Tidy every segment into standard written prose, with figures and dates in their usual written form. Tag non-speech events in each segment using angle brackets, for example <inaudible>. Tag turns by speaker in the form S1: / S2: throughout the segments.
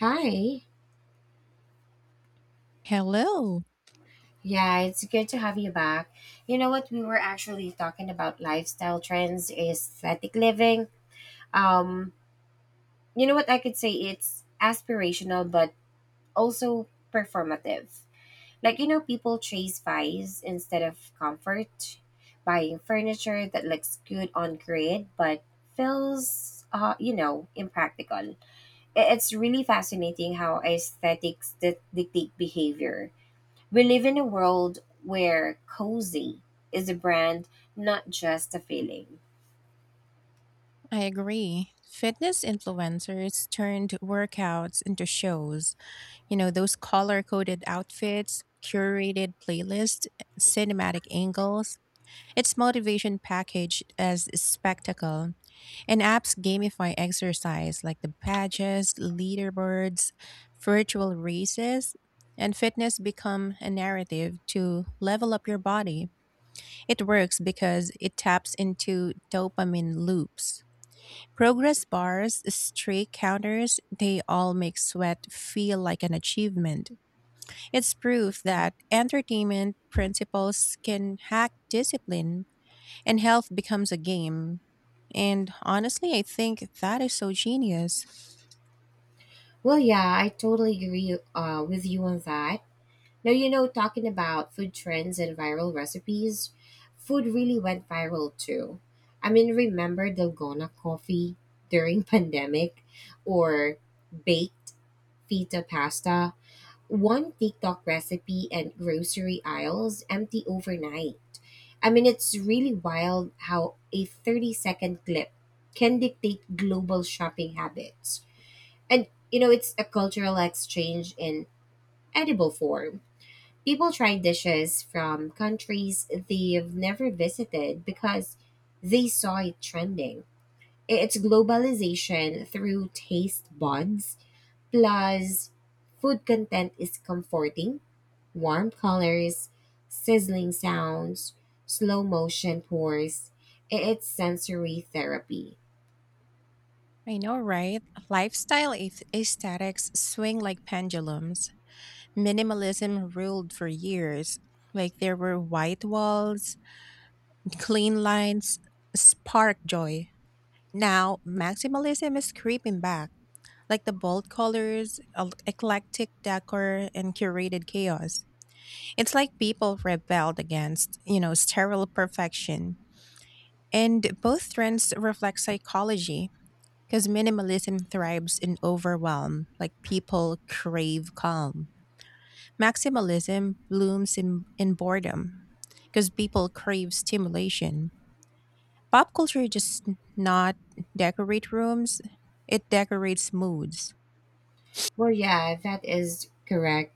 S1: Hi.
S2: Hello.
S1: Yeah, it's good to have you back. You know what, we were actually talking about lifestyle trends, aesthetic living. Um, you know what, I could say it's aspirational but also performative. Like, you know, people chase vice instead of comfort, buying furniture that looks good on grid but feels impractical. It's really fascinating how aesthetics dictate behavior. We live in a world where cozy is a brand, not just a feeling.
S2: I agree. Fitness influencers turned workouts into shows. You know, those color coded outfits, curated playlists, cinematic angles. It's motivation packaged as spectacle. And apps gamify exercise like the badges, leaderboards, virtual races, and fitness become a narrative to level up your body. It works because it taps into dopamine loops. Progress bars, streak counters, they all make sweat feel like an achievement. It's proof that entertainment principles can hack discipline and health becomes a game. And honestly, I think that is so genius.
S1: Well, yeah, I totally agree with you on that. Now, you know, talking about food trends and viral recipes, food really went viral too. I mean, remember Dalgona coffee during <laughs> pandemic or baked feta pasta? One TikTok recipe and grocery aisles empty overnight. I mean, it's really wild how a 30-second clip can dictate global shopping habits. And, you know, it's a cultural exchange in edible form. People try dishes from countries they've never visited because they saw it trending. It's globalization through taste buds, plus, food content is comforting, warm colors, sizzling sounds, slow motion pours. It's sensory therapy.
S2: I know, right? Aesthetics swing like pendulums. Minimalism ruled for years. Like there were white walls, clean lines, spark joy. Now, maximalism is creeping back, like the bold colors, eclectic decor, and curated chaos. It's like people rebelled against, you know, sterile perfection. And both trends reflect psychology because minimalism thrives in overwhelm, like people crave calm. Maximalism blooms in boredom because people crave stimulation. Pop culture just not decorate rooms, it decorates moods.
S1: Well, yeah, that is correct.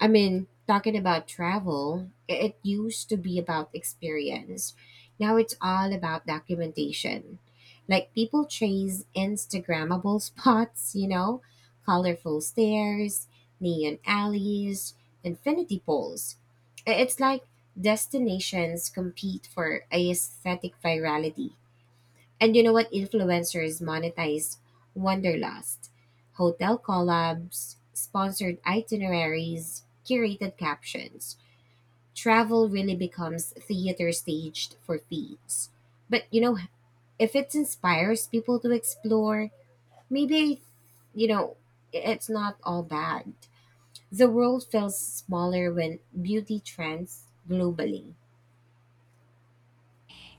S1: I mean, talking about travel, it used to be about experience. Now it's all about documentation. Like, people chase Instagrammable <laughs> spots, you know, colorful stairs, neon alleys, infinity pools. It's like destinations compete for aesthetic virality. And you know what? Influencers monetize wanderlust, hotel collabs, sponsored itineraries, curated captions. Travel really becomes theater staged for feeds. But you know, if it inspires people to explore, maybe, you know, it's not all bad. The world feels smaller when beauty trends globally.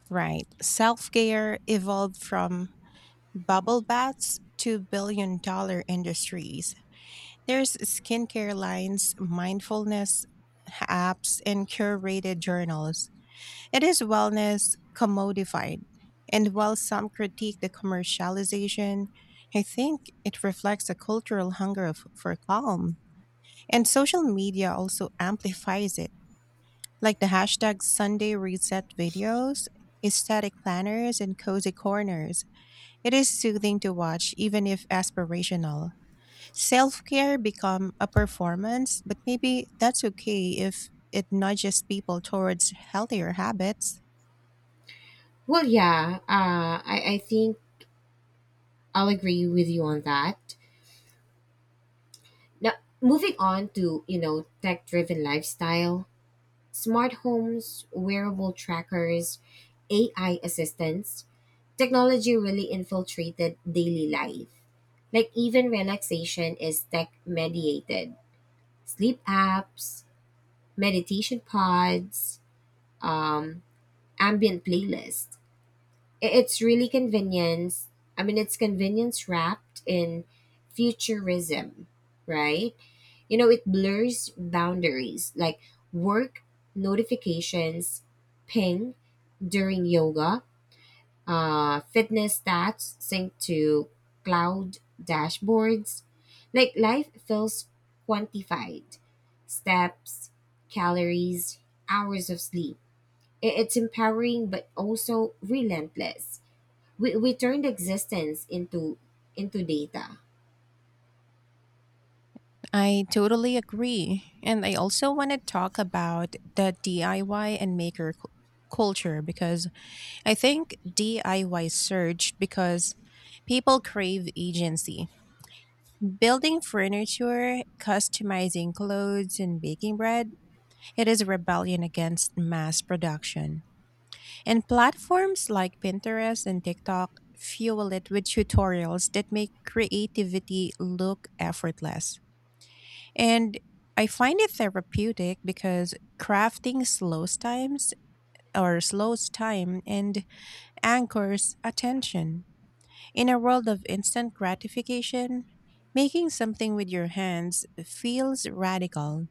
S2: Right. Self care evolved from bubble baths to billion-dollar industries. There's skincare lines, mindfulness apps, and curated journals. It is wellness commodified. And while some critique the commercialization, I think it reflects a cultural hunger for calm. And social media also amplifies it, like the hashtag Sunday Reset videos, aesthetic planners, and cozy corners. It is soothing to watch, even if aspirational. Self care become a performance, but maybe that's okay if it nudges people towards healthier habits.
S1: Well, yeah, I think I'll agree with you on that. Now, moving on to, you know, tech-driven lifestyle, smart homes, wearable trackers, AI assistants, technology really infiltrated daily life. Like, even relaxation is tech mediated. Sleep apps, meditation pods, um, ambient playlists. It's really convenience. I mean, it's convenience wrapped in futurism, right? You know, it blurs boundaries. Like work notifications ping during yoga, fitness stats sync to cloud dashboards. Like life feels quantified, steps, calories, hours of sleep. It's empowering but also relentless. We turned existence into data.
S2: I totally agree. And I also want to talk about the DIY and maker culture, because I think DIY surged because people crave agency. Building furniture, customizing clothes, and baking bread, it is a rebellion against mass production. And platforms like Pinterest and TikTok fuel it with tutorials that make creativity look effortless. And I find it therapeutic because crafting slows time and anchors attention. In a world of instant gratification, making something with your hands feels radical.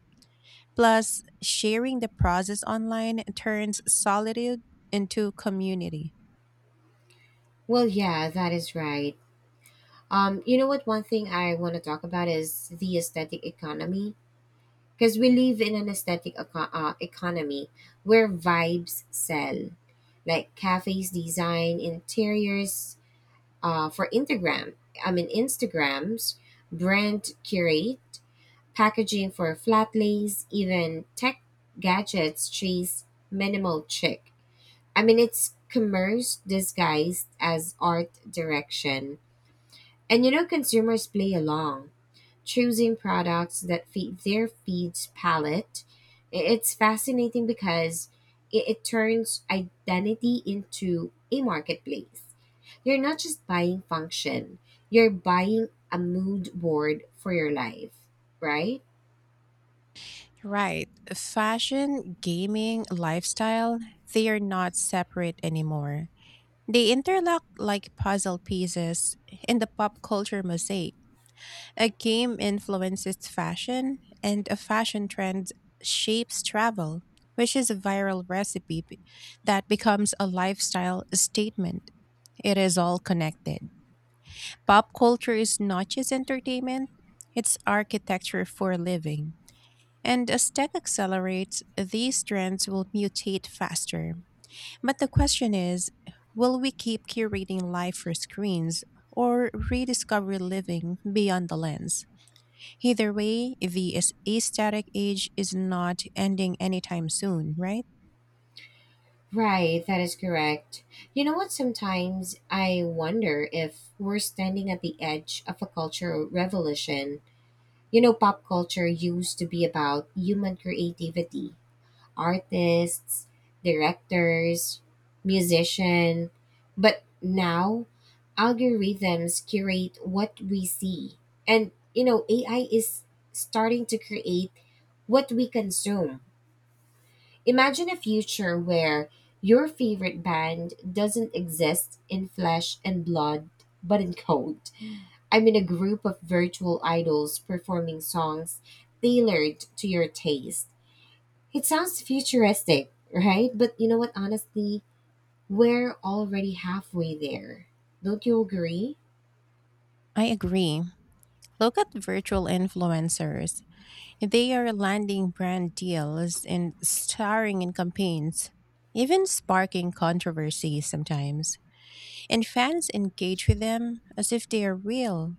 S2: Plus, sharing the process online turns solitude into community.
S1: Well, yeah, that is right. You know what? One thing I want to talk about is the aesthetic economy. Because we live in an aesthetic economy where vibes sell, like cafes design interiors for Instagram. I mean, Instagrams, brand curate, packaging for flat lays, even tech gadgets chase minimal chic. I mean, it's commerce disguised as art direction. And you know, consumers play along, choosing products that fit their feed's palette. It's fascinating because it turns identity into a marketplace. You're not just buying function, you're buying a mood board for your life, right?
S2: Right. Fashion, gaming, lifestyle, they are not separate anymore. They interlock like puzzle pieces in the pop culture mosaic. A game influences fashion, and a fashion trend shapes travel, which is a that becomes a lifestyle statement. It is all connected. Pop culture is not just entertainment, it's architecture for a living. And as tech accelerates, these trends will mutate faster. But the question is, will we keep curating life for screens, or rediscover living beyond the lens? Either way, the aesthetic age is not ending anytime soon, right?
S1: Right, that is correct. You know what? Sometimes I wonder if we're standing at the edge of a cultural revolution. You know, pop culture used to be about human creativity, artists, directors, musician, but now algorithms curate what we see. And you know, AI is starting to create what we consume. Imagine a future where your favorite band doesn't exist in flesh and blood, but in code. I'm in a group of virtual idols performing songs tailored to your taste. It sounds futuristic, right? But you know what, honestly, we're already halfway there. Don't you agree?
S2: I agree. Look at virtual influencers. They are landing brand deals and starring in campaigns, even sparking controversy sometimes. And fans engage with them as if they are real.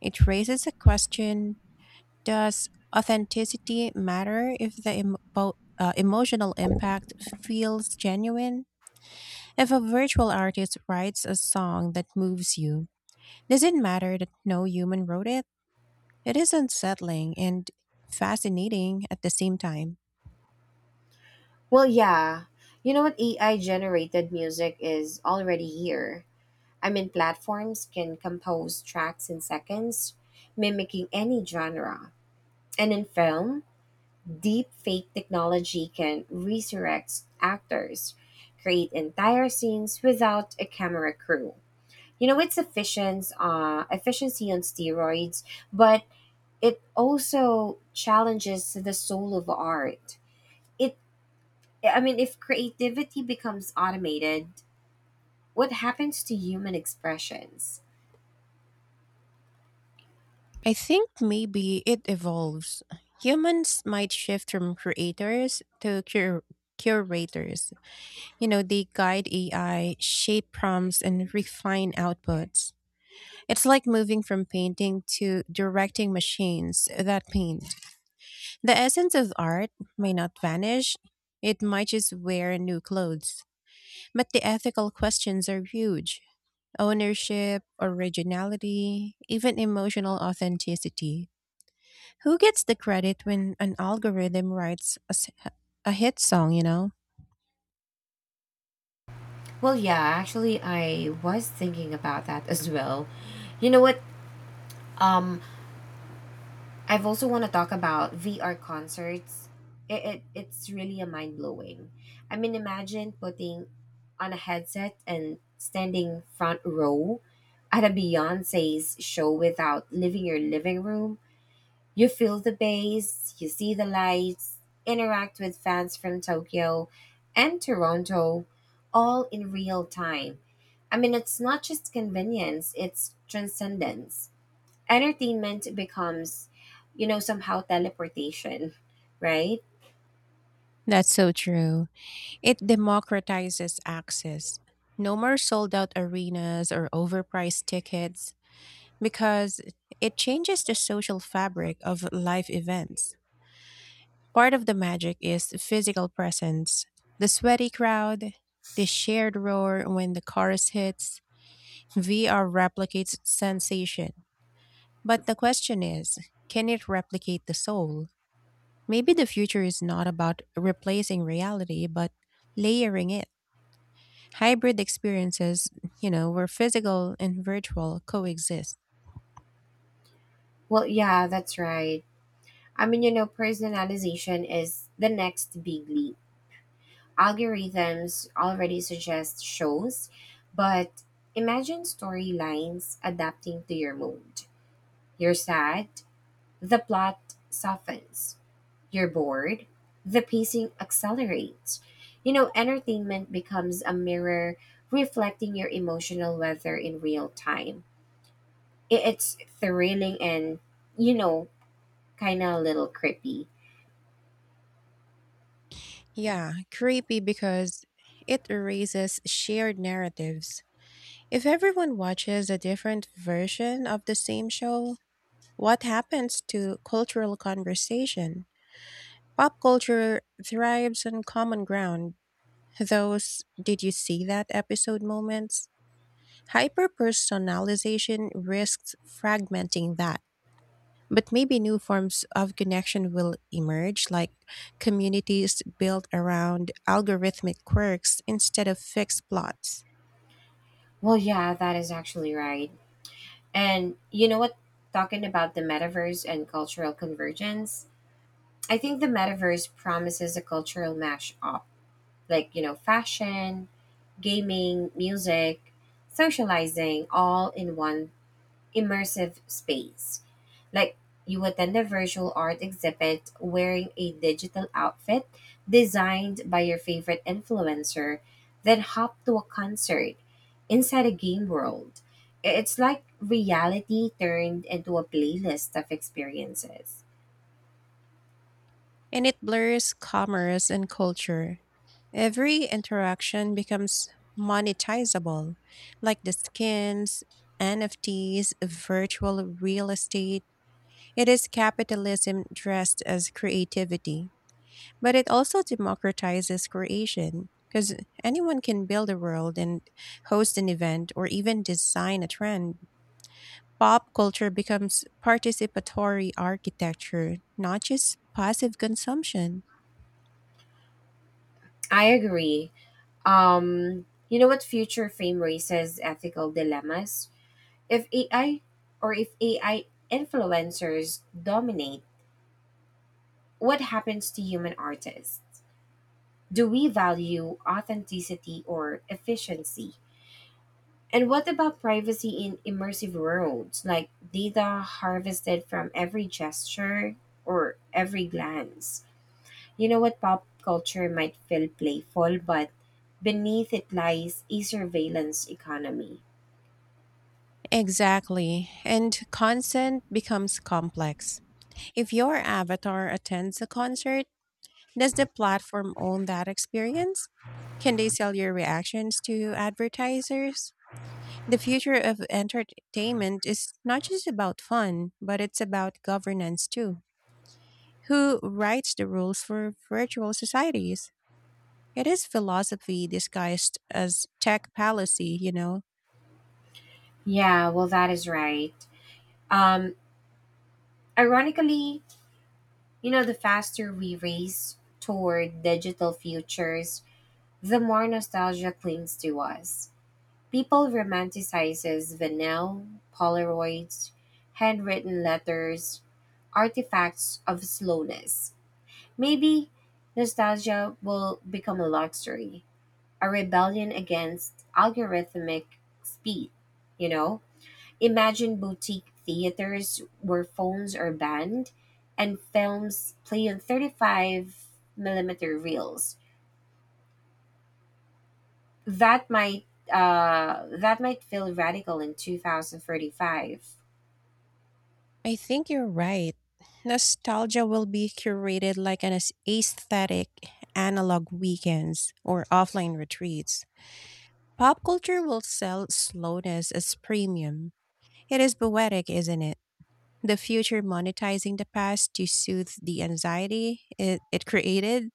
S2: It raises a question: does authenticity matter if the emotional impact feels genuine? If a virtual artist writes a song that moves you, does it matter that no human wrote it? It is unsettling and fascinating at the same time.
S1: Well, yeah. You know what? AI generated music is already here. I mean, platforms can compose tracks in seconds, mimicking any genre. And in film, deep fake technology can resurrect actors, create entire scenes without a camera crew. You know, it's efficiency on steroids, but it also challenges the soul of art. It, I mean, if creativity becomes automated, what happens to human expressions?
S2: I think maybe it evolves. Humans might shift from creators to curators. You know, they guide AI, shape prompts, and refine outputs. It's like moving from painting to directing machines that paint. The essence of art may not vanish, it might just wear new clothes. But the ethical questions are huge: ownership, originality, even emotional authenticity. Who gets the credit when an algorithm writes a hit song, you know?
S1: Well, yeah, actually I was thinking about that as well. You know what? um I've also want to talk about VR concerts. It's really a mind blowing. I mean, imagine putting on a headset and standing front row at a Beyonce's show without leaving your living room. You feel the bass, you see the lights, interact with fans from Tokyo and Toronto, all in real time. I mean, it's not just convenience; it's transcendence. Entertainment becomes, you know, somehow teleportation, right?
S2: That's so true. It democratizes access. No more sold out arenas or overpriced tickets, because it changes the social fabric of live events. Part of the magic is physical presence. The sweaty crowd, the shared roar when the chorus hits, VR replicates sensation. But the question is, can it replicate the soul? Maybe the future is not about replacing reality, but layering it. Hybrid experiences, you know, where physical and virtual coexist.
S1: Well, yeah, that's right. I mean, you know, personalization is the next big leap. Algorithms already suggest shows, but imagine storylines adapting to your mood. You're sad, the plot softens. You're bored, the pacing accelerates. You know, entertainment becomes a mirror reflecting your emotional weather in real time. It's thrilling and, you know, kind of a little creepy.
S2: Yeah, creepy, because it erases shared narratives. If everyone watches a different version of the same show, what happens to cultural conversation? Pop culture thrives on common ground. Those "did you see that episode" moments? Hyperpersonalization risks fragmenting that. But maybe new forms of connection will emerge, like communities built around algorithmic quirks instead of fixed plots.
S1: Well, yeah, that is actually right. And you know what? Talking about the metaverse and cultural convergence, I think the metaverse promises a cultural mashup, like, you know, fashion, gaming, music, socializing, all in one immersive space. Like, you attend a virtual art exhibit wearing a digital outfit designed by your favorite influencer, then hop to a concert inside a game world. It's like reality turned into a playlist of experiences.
S2: And it blurs commerce and culture. Every interaction becomes monetizable, like the skins, NFTs, virtual real estate. It is capitalism dressed as creativity, but it also democratizes creation, because anyone can build a world and host an event or even design a trend. Pop culture becomes participatory architecture, not just passive consumption.
S1: I agree. You know what, future fame raises ethical dilemmas? If AI or if AI influencers dominate. What happens to human artists? Do we value authenticity or efficiency? And what about privacy in immersive worlds, like data harvested from every gesture or every glance? You know what, pop culture might feel playful, but beneath it lies a surveillance economy.
S2: Exactly. And consent becomes complex. If your avatar attends a concert, does the platform own that experience? Can they sell your reactions to advertisers? The future of entertainment is not just about fun, but it's about governance too. Who writes the rules for virtual societies? It is philosophy disguised as tech policy, you know.
S1: Yeah, well, that is right. Um, Ironically, you know, the faster we race toward digital futures, the more nostalgia clings to us. People romanticizes vinyl, Polaroids, handwritten letters, artifacts of slowness. Maybe nostalgia will become a luxury, a rebellion against algorithmic speed, you know? Imagine boutique theaters where phones are banned and films play on 35 millimeter reels. That might feel radical in 2035.
S2: I think you're right. Nostalgia will be curated like an aesthetic: analog weekends or offline retreats. Pop culture will sell slowness as premium. It is poetic, isn't it? The future monetizing the past to soothe the anxiety it created.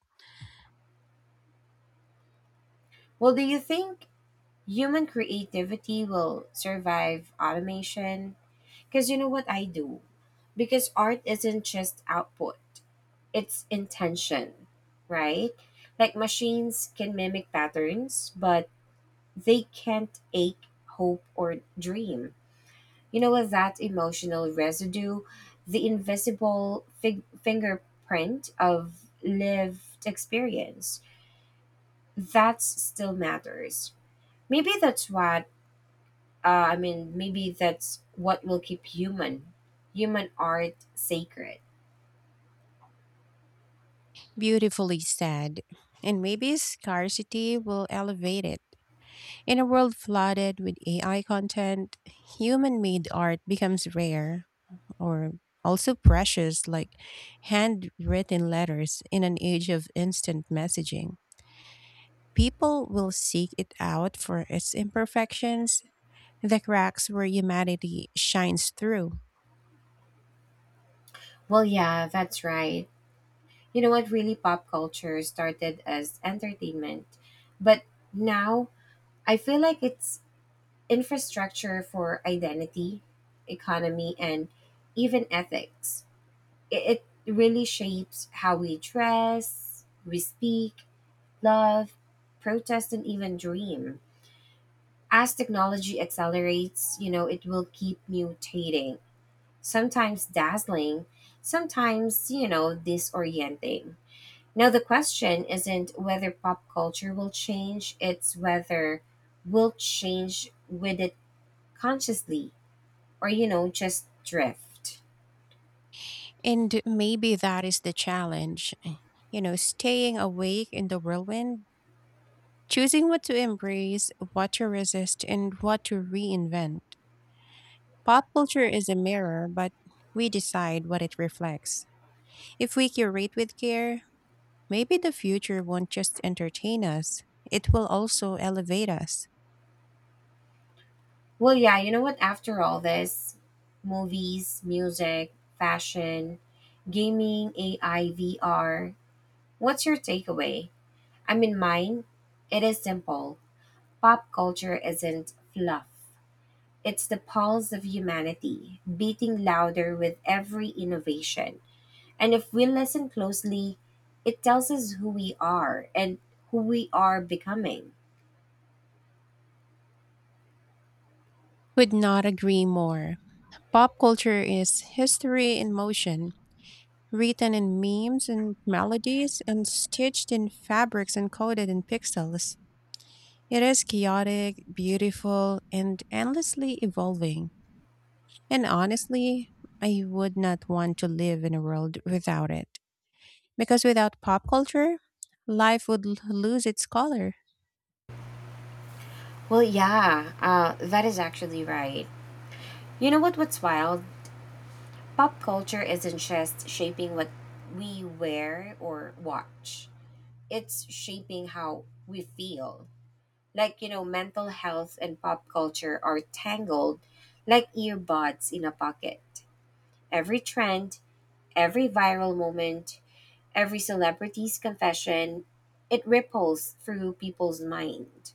S1: Well, do you think human creativity will survive automation? Because you know what I do? Because art isn't just output, it's intention, right? Like machines can mimic patterns, but they can't ache, hope, or dream. You know what? That emotional residue, the invisible fingerprint of lived experience, that still matters. Maybe that's what, will keep human art sacred.
S2: Beautifully said. And maybe scarcity will elevate it. In a world flooded with AI content, human made art becomes rare, or also precious, like handwritten letters in an age of instant messaging. People will seek it out for its imperfections, the cracks where humanity shines through.
S1: Well, yeah, that's right. You know what? Really, pop culture started as entertainment, but now I feel like it's infrastructure for identity, economy, and even ethics. It really shapes how we dress, we speak, love, protest, and even dream. As technology accelerates, you know, it will keep mutating, sometimes dazzling, sometimes, you know, disorienting. Now, the question isn't whether pop culture will change, it's whether we'll change with it consciously or, you know, just drift.
S2: And maybe that is the challenge, you know, staying awake in the whirlwind, choosing what to embrace, what to resist, and what to reinvent. Pop culture is a mirror, but we decide what it reflects. If we curate with care, maybe the future won't just entertain us, it will also elevate us.
S1: Well, yeah, you know what, after all this, movies, music, fashion, gaming, AI, VR, what's your takeaway? I mean, mine, it is simple. Pop culture isn't fluff, it's the pulse of humanity beating louder with every innovation. And if we listen closely, it tells us who we are and who we are becoming.
S2: Could not agree more. Pop culture is history in motion, written in memes and melodies, and stitched in fabrics and coded in pixels. It is chaotic, beautiful, and endlessly evolving. And honestly, I would not want to live in a world without it. Because without pop culture, life would lose its color.
S1: Well, yeah, that is actually right. You know what? What's wild? Pop culture isn't just shaping what we wear or watch. It's shaping how we feel. Like, you know, mental health and pop culture are tangled like earbuds in a pocket. Every trend, every viral moment, every celebrity's confession, it ripples through people's mind.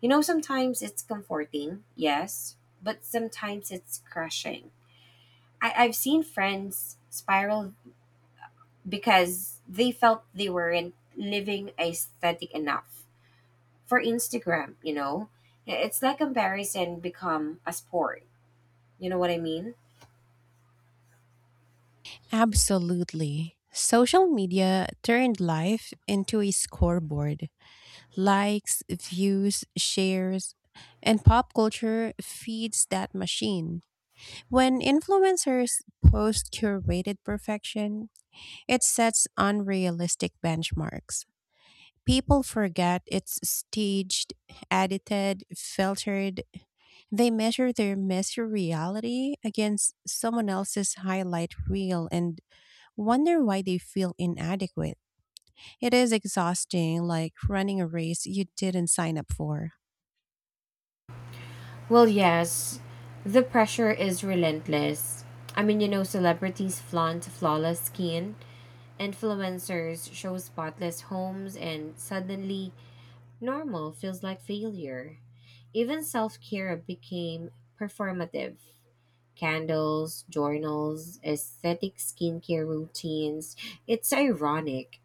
S1: You know, sometimes it's comforting, yes, but sometimes it's crushing. I've seen friends spiral because they felt they weren't living aesthetic enough for Instagram, you know? It's like comparison become a sport. You know what I mean?
S2: Absolutely. Social media turned life into a scoreboard. Likes, views, shares, and pop culture feeds that machine. When influencers post curated perfection, it sets unrealistic benchmarks. People forget it's staged, edited, filtered. They measure their messy reality against someone else's highlight reel and wonder why they feel inadequate. It is exhausting, like running a race you didn't sign up for.
S1: Well, yes, the pressure is relentless. I mean, you know, celebrities flaunt flawless skin, influencers show spotless homes, and suddenly normal feels like failure. Even self care became performative. Candles, journals, aesthetic skincare routines. It's ironic.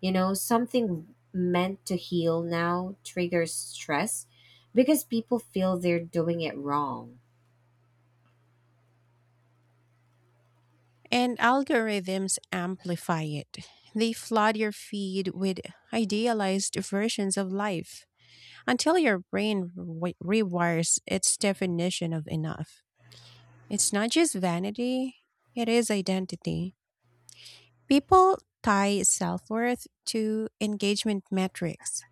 S1: You know, something meant to heal now triggers stress because people feel they're doing it wrong.
S2: And algorithms amplify it. They flood your feed with idealized versions of life until your brain rewires its definition of enough. It's not just vanity, it is identity. People tie self worth to engagement metrics.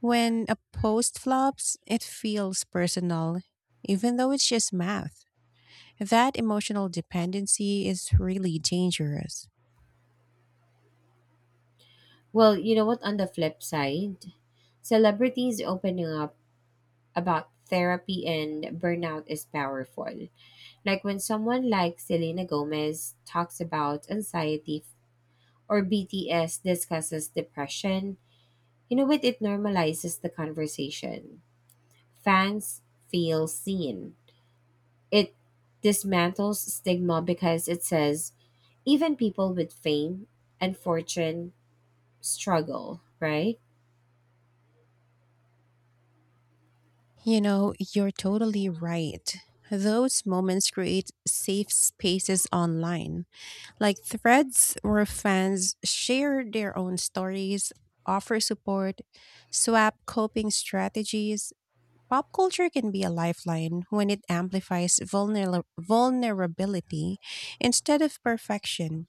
S2: When a post flops, it feels personal, even though it's just math. That emotional dependency is really dangerous.
S1: Well, you know what? On the flip side, celebrities opening up about therapy and burnout is powerful. Like when someone like Selena Gomez talks about anxiety or BTS discusses depression, you know what? It normalizes the conversation. Fans feel seen. It dismantles stigma because it says even people with fame and fortune struggle, right?
S2: You know, you're totally right. Those moments create safe spaces online, like threads where fans share their own stories, offer support, swap coping strategies. Pop culture can be a lifeline when it amplifies vulnerability instead of perfection.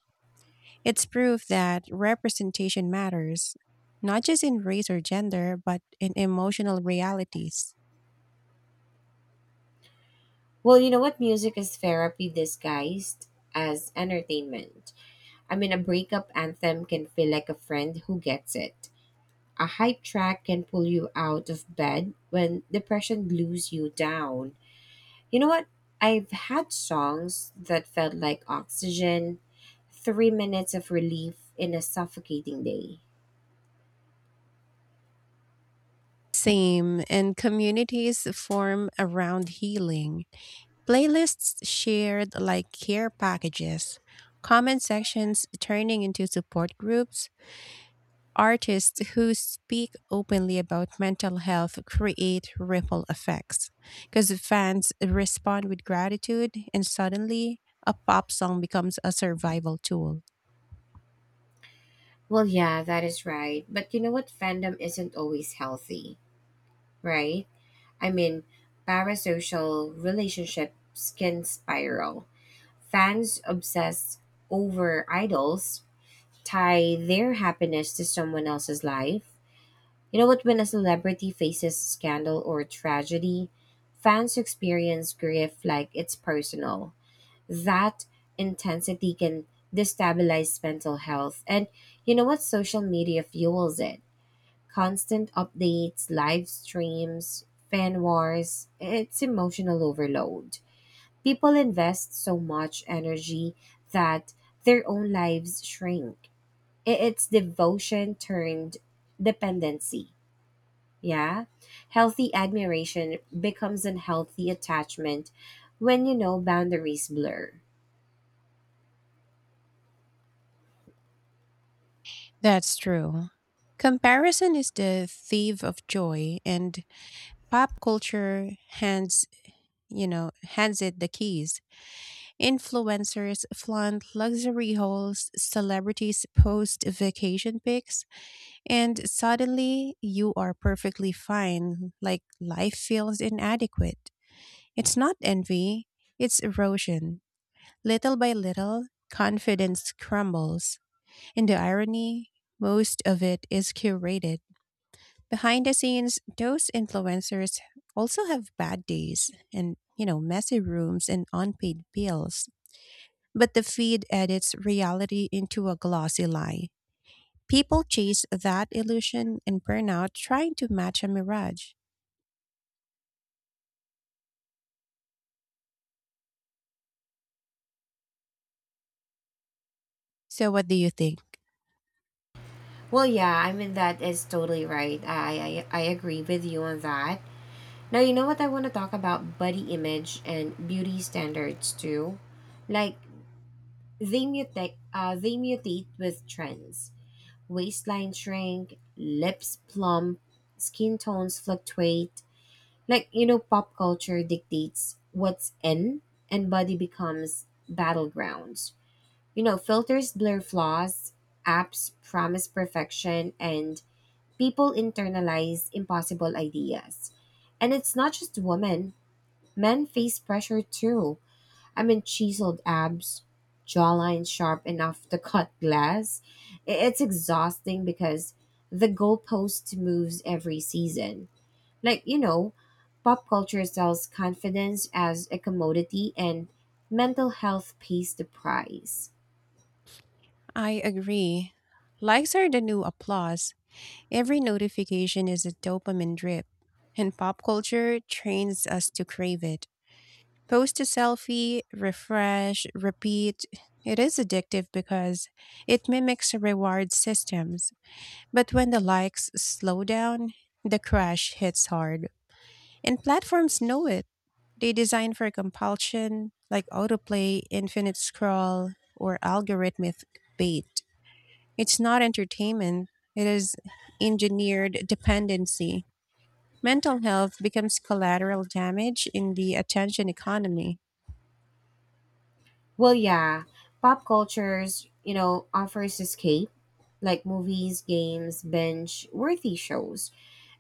S2: It's proof that representation matters, not just in race or gender, but in emotional realities.
S1: Well, you know what? Music is therapy disguised as entertainment. I mean, a breakup anthem can feel like a friend who gets it. A hype track can pull you out of bed when depression glues you down. You know what? I've had songs that felt like oxygen, 3 minutes of relief in a suffocating day.
S2: Same, and communities form around healing. Playlists shared like care packages, comment sections turning into support groups, artists who speak openly about mental health create ripple effects because fans respond with gratitude and suddenly a pop song becomes a survival tool.
S1: Well, yeah, that is right. But you know what? Fandom isn't always healthy, right? I mean, parasocial relationships can spiral. Fans obsess over idols, tie their happiness to someone else's life. You know what? When a celebrity faces scandal or tragedy, fans experience grief like it's personal. That intensity can destabilize mental health. And you know what? Social media fuels it. Constant updates, live streams, fan wars, it's emotional overload. People invest so much energy that their own lives shrink. It's devotion turned dependency, yeah. Healthy admiration becomes unhealthy attachment when, you know, boundaries blur.
S2: That's true. Comparison is the thief of joy and pop culture hands, you know, hands it the keys. Influencers flaunt luxury hauls, celebrities post vacation pics, and suddenly you are perfectly fine, like life feels inadequate. It's not envy, it's erosion. Little by little, confidence crumbles. And the irony, most of it is curated. Behind the scenes, those influencers also have bad days and, you know, messy rooms and unpaid bills. But the feed edits reality into a glossy lie. People chase that illusion and burn out trying to match a mirage. So, what do you think?
S1: Well, yeah, I mean, that is totally right. I agree with you on that. Now, you know what, I want to talk about body image and beauty standards too? Like, they mutate, with trends. Waistline shrink, lips plump, skin tones fluctuate. Like, you know, pop culture dictates what's in, and body becomes battlegrounds. You know, filters blur flaws, apps promise perfection, and people internalize impossible ideas. And it's not just women, men face pressure too. I mean, chiseled abs, jawline sharp enough to cut glass. It's exhausting because the goalpost moves every season. Like, you know, pop culture sells confidence as a commodity and mental health pays the price.
S2: I agree. Likes are the new applause. Every notification is a dopamine drip, and pop culture trains us to crave it. Post a selfie, refresh, repeat. It is addictive because it mimics reward systems. But when the likes slow down, the crash hits hard. And platforms know it. They design for compulsion, like autoplay, infinite scroll, or algorithmic bait. It's not entertainment, it is engineered dependency. Mental health becomes collateral damage in the attention economy.
S1: Well, yeah, pop culture's, you know, offers escape, like movies, games, binge worthy shows.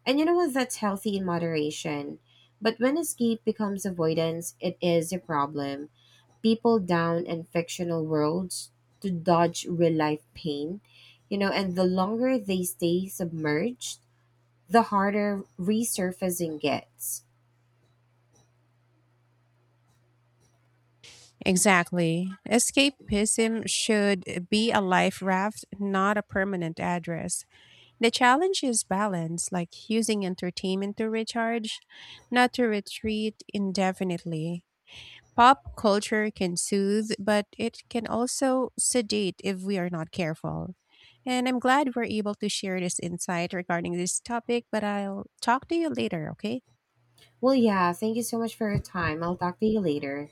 S1: And you know what? That's healthy in moderation. But when escape becomes avoidance, it is a problem. People down in fictional worlds to dodge real life pain, you know, and the longer they stay submerged, the harder resurfacing gets.
S2: Exactly. Escapism should be a life raft, not a permanent address. The challenge is balance, like using entertainment to recharge, not to retreat indefinitely. Pop culture can soothe, but it can also sedate if we are not careful. And I'm glad we're able to share this insight regarding this topic, but I'll talk to you later, okay?
S1: Well, yeah, thank you so much for your time. I'll talk to you later.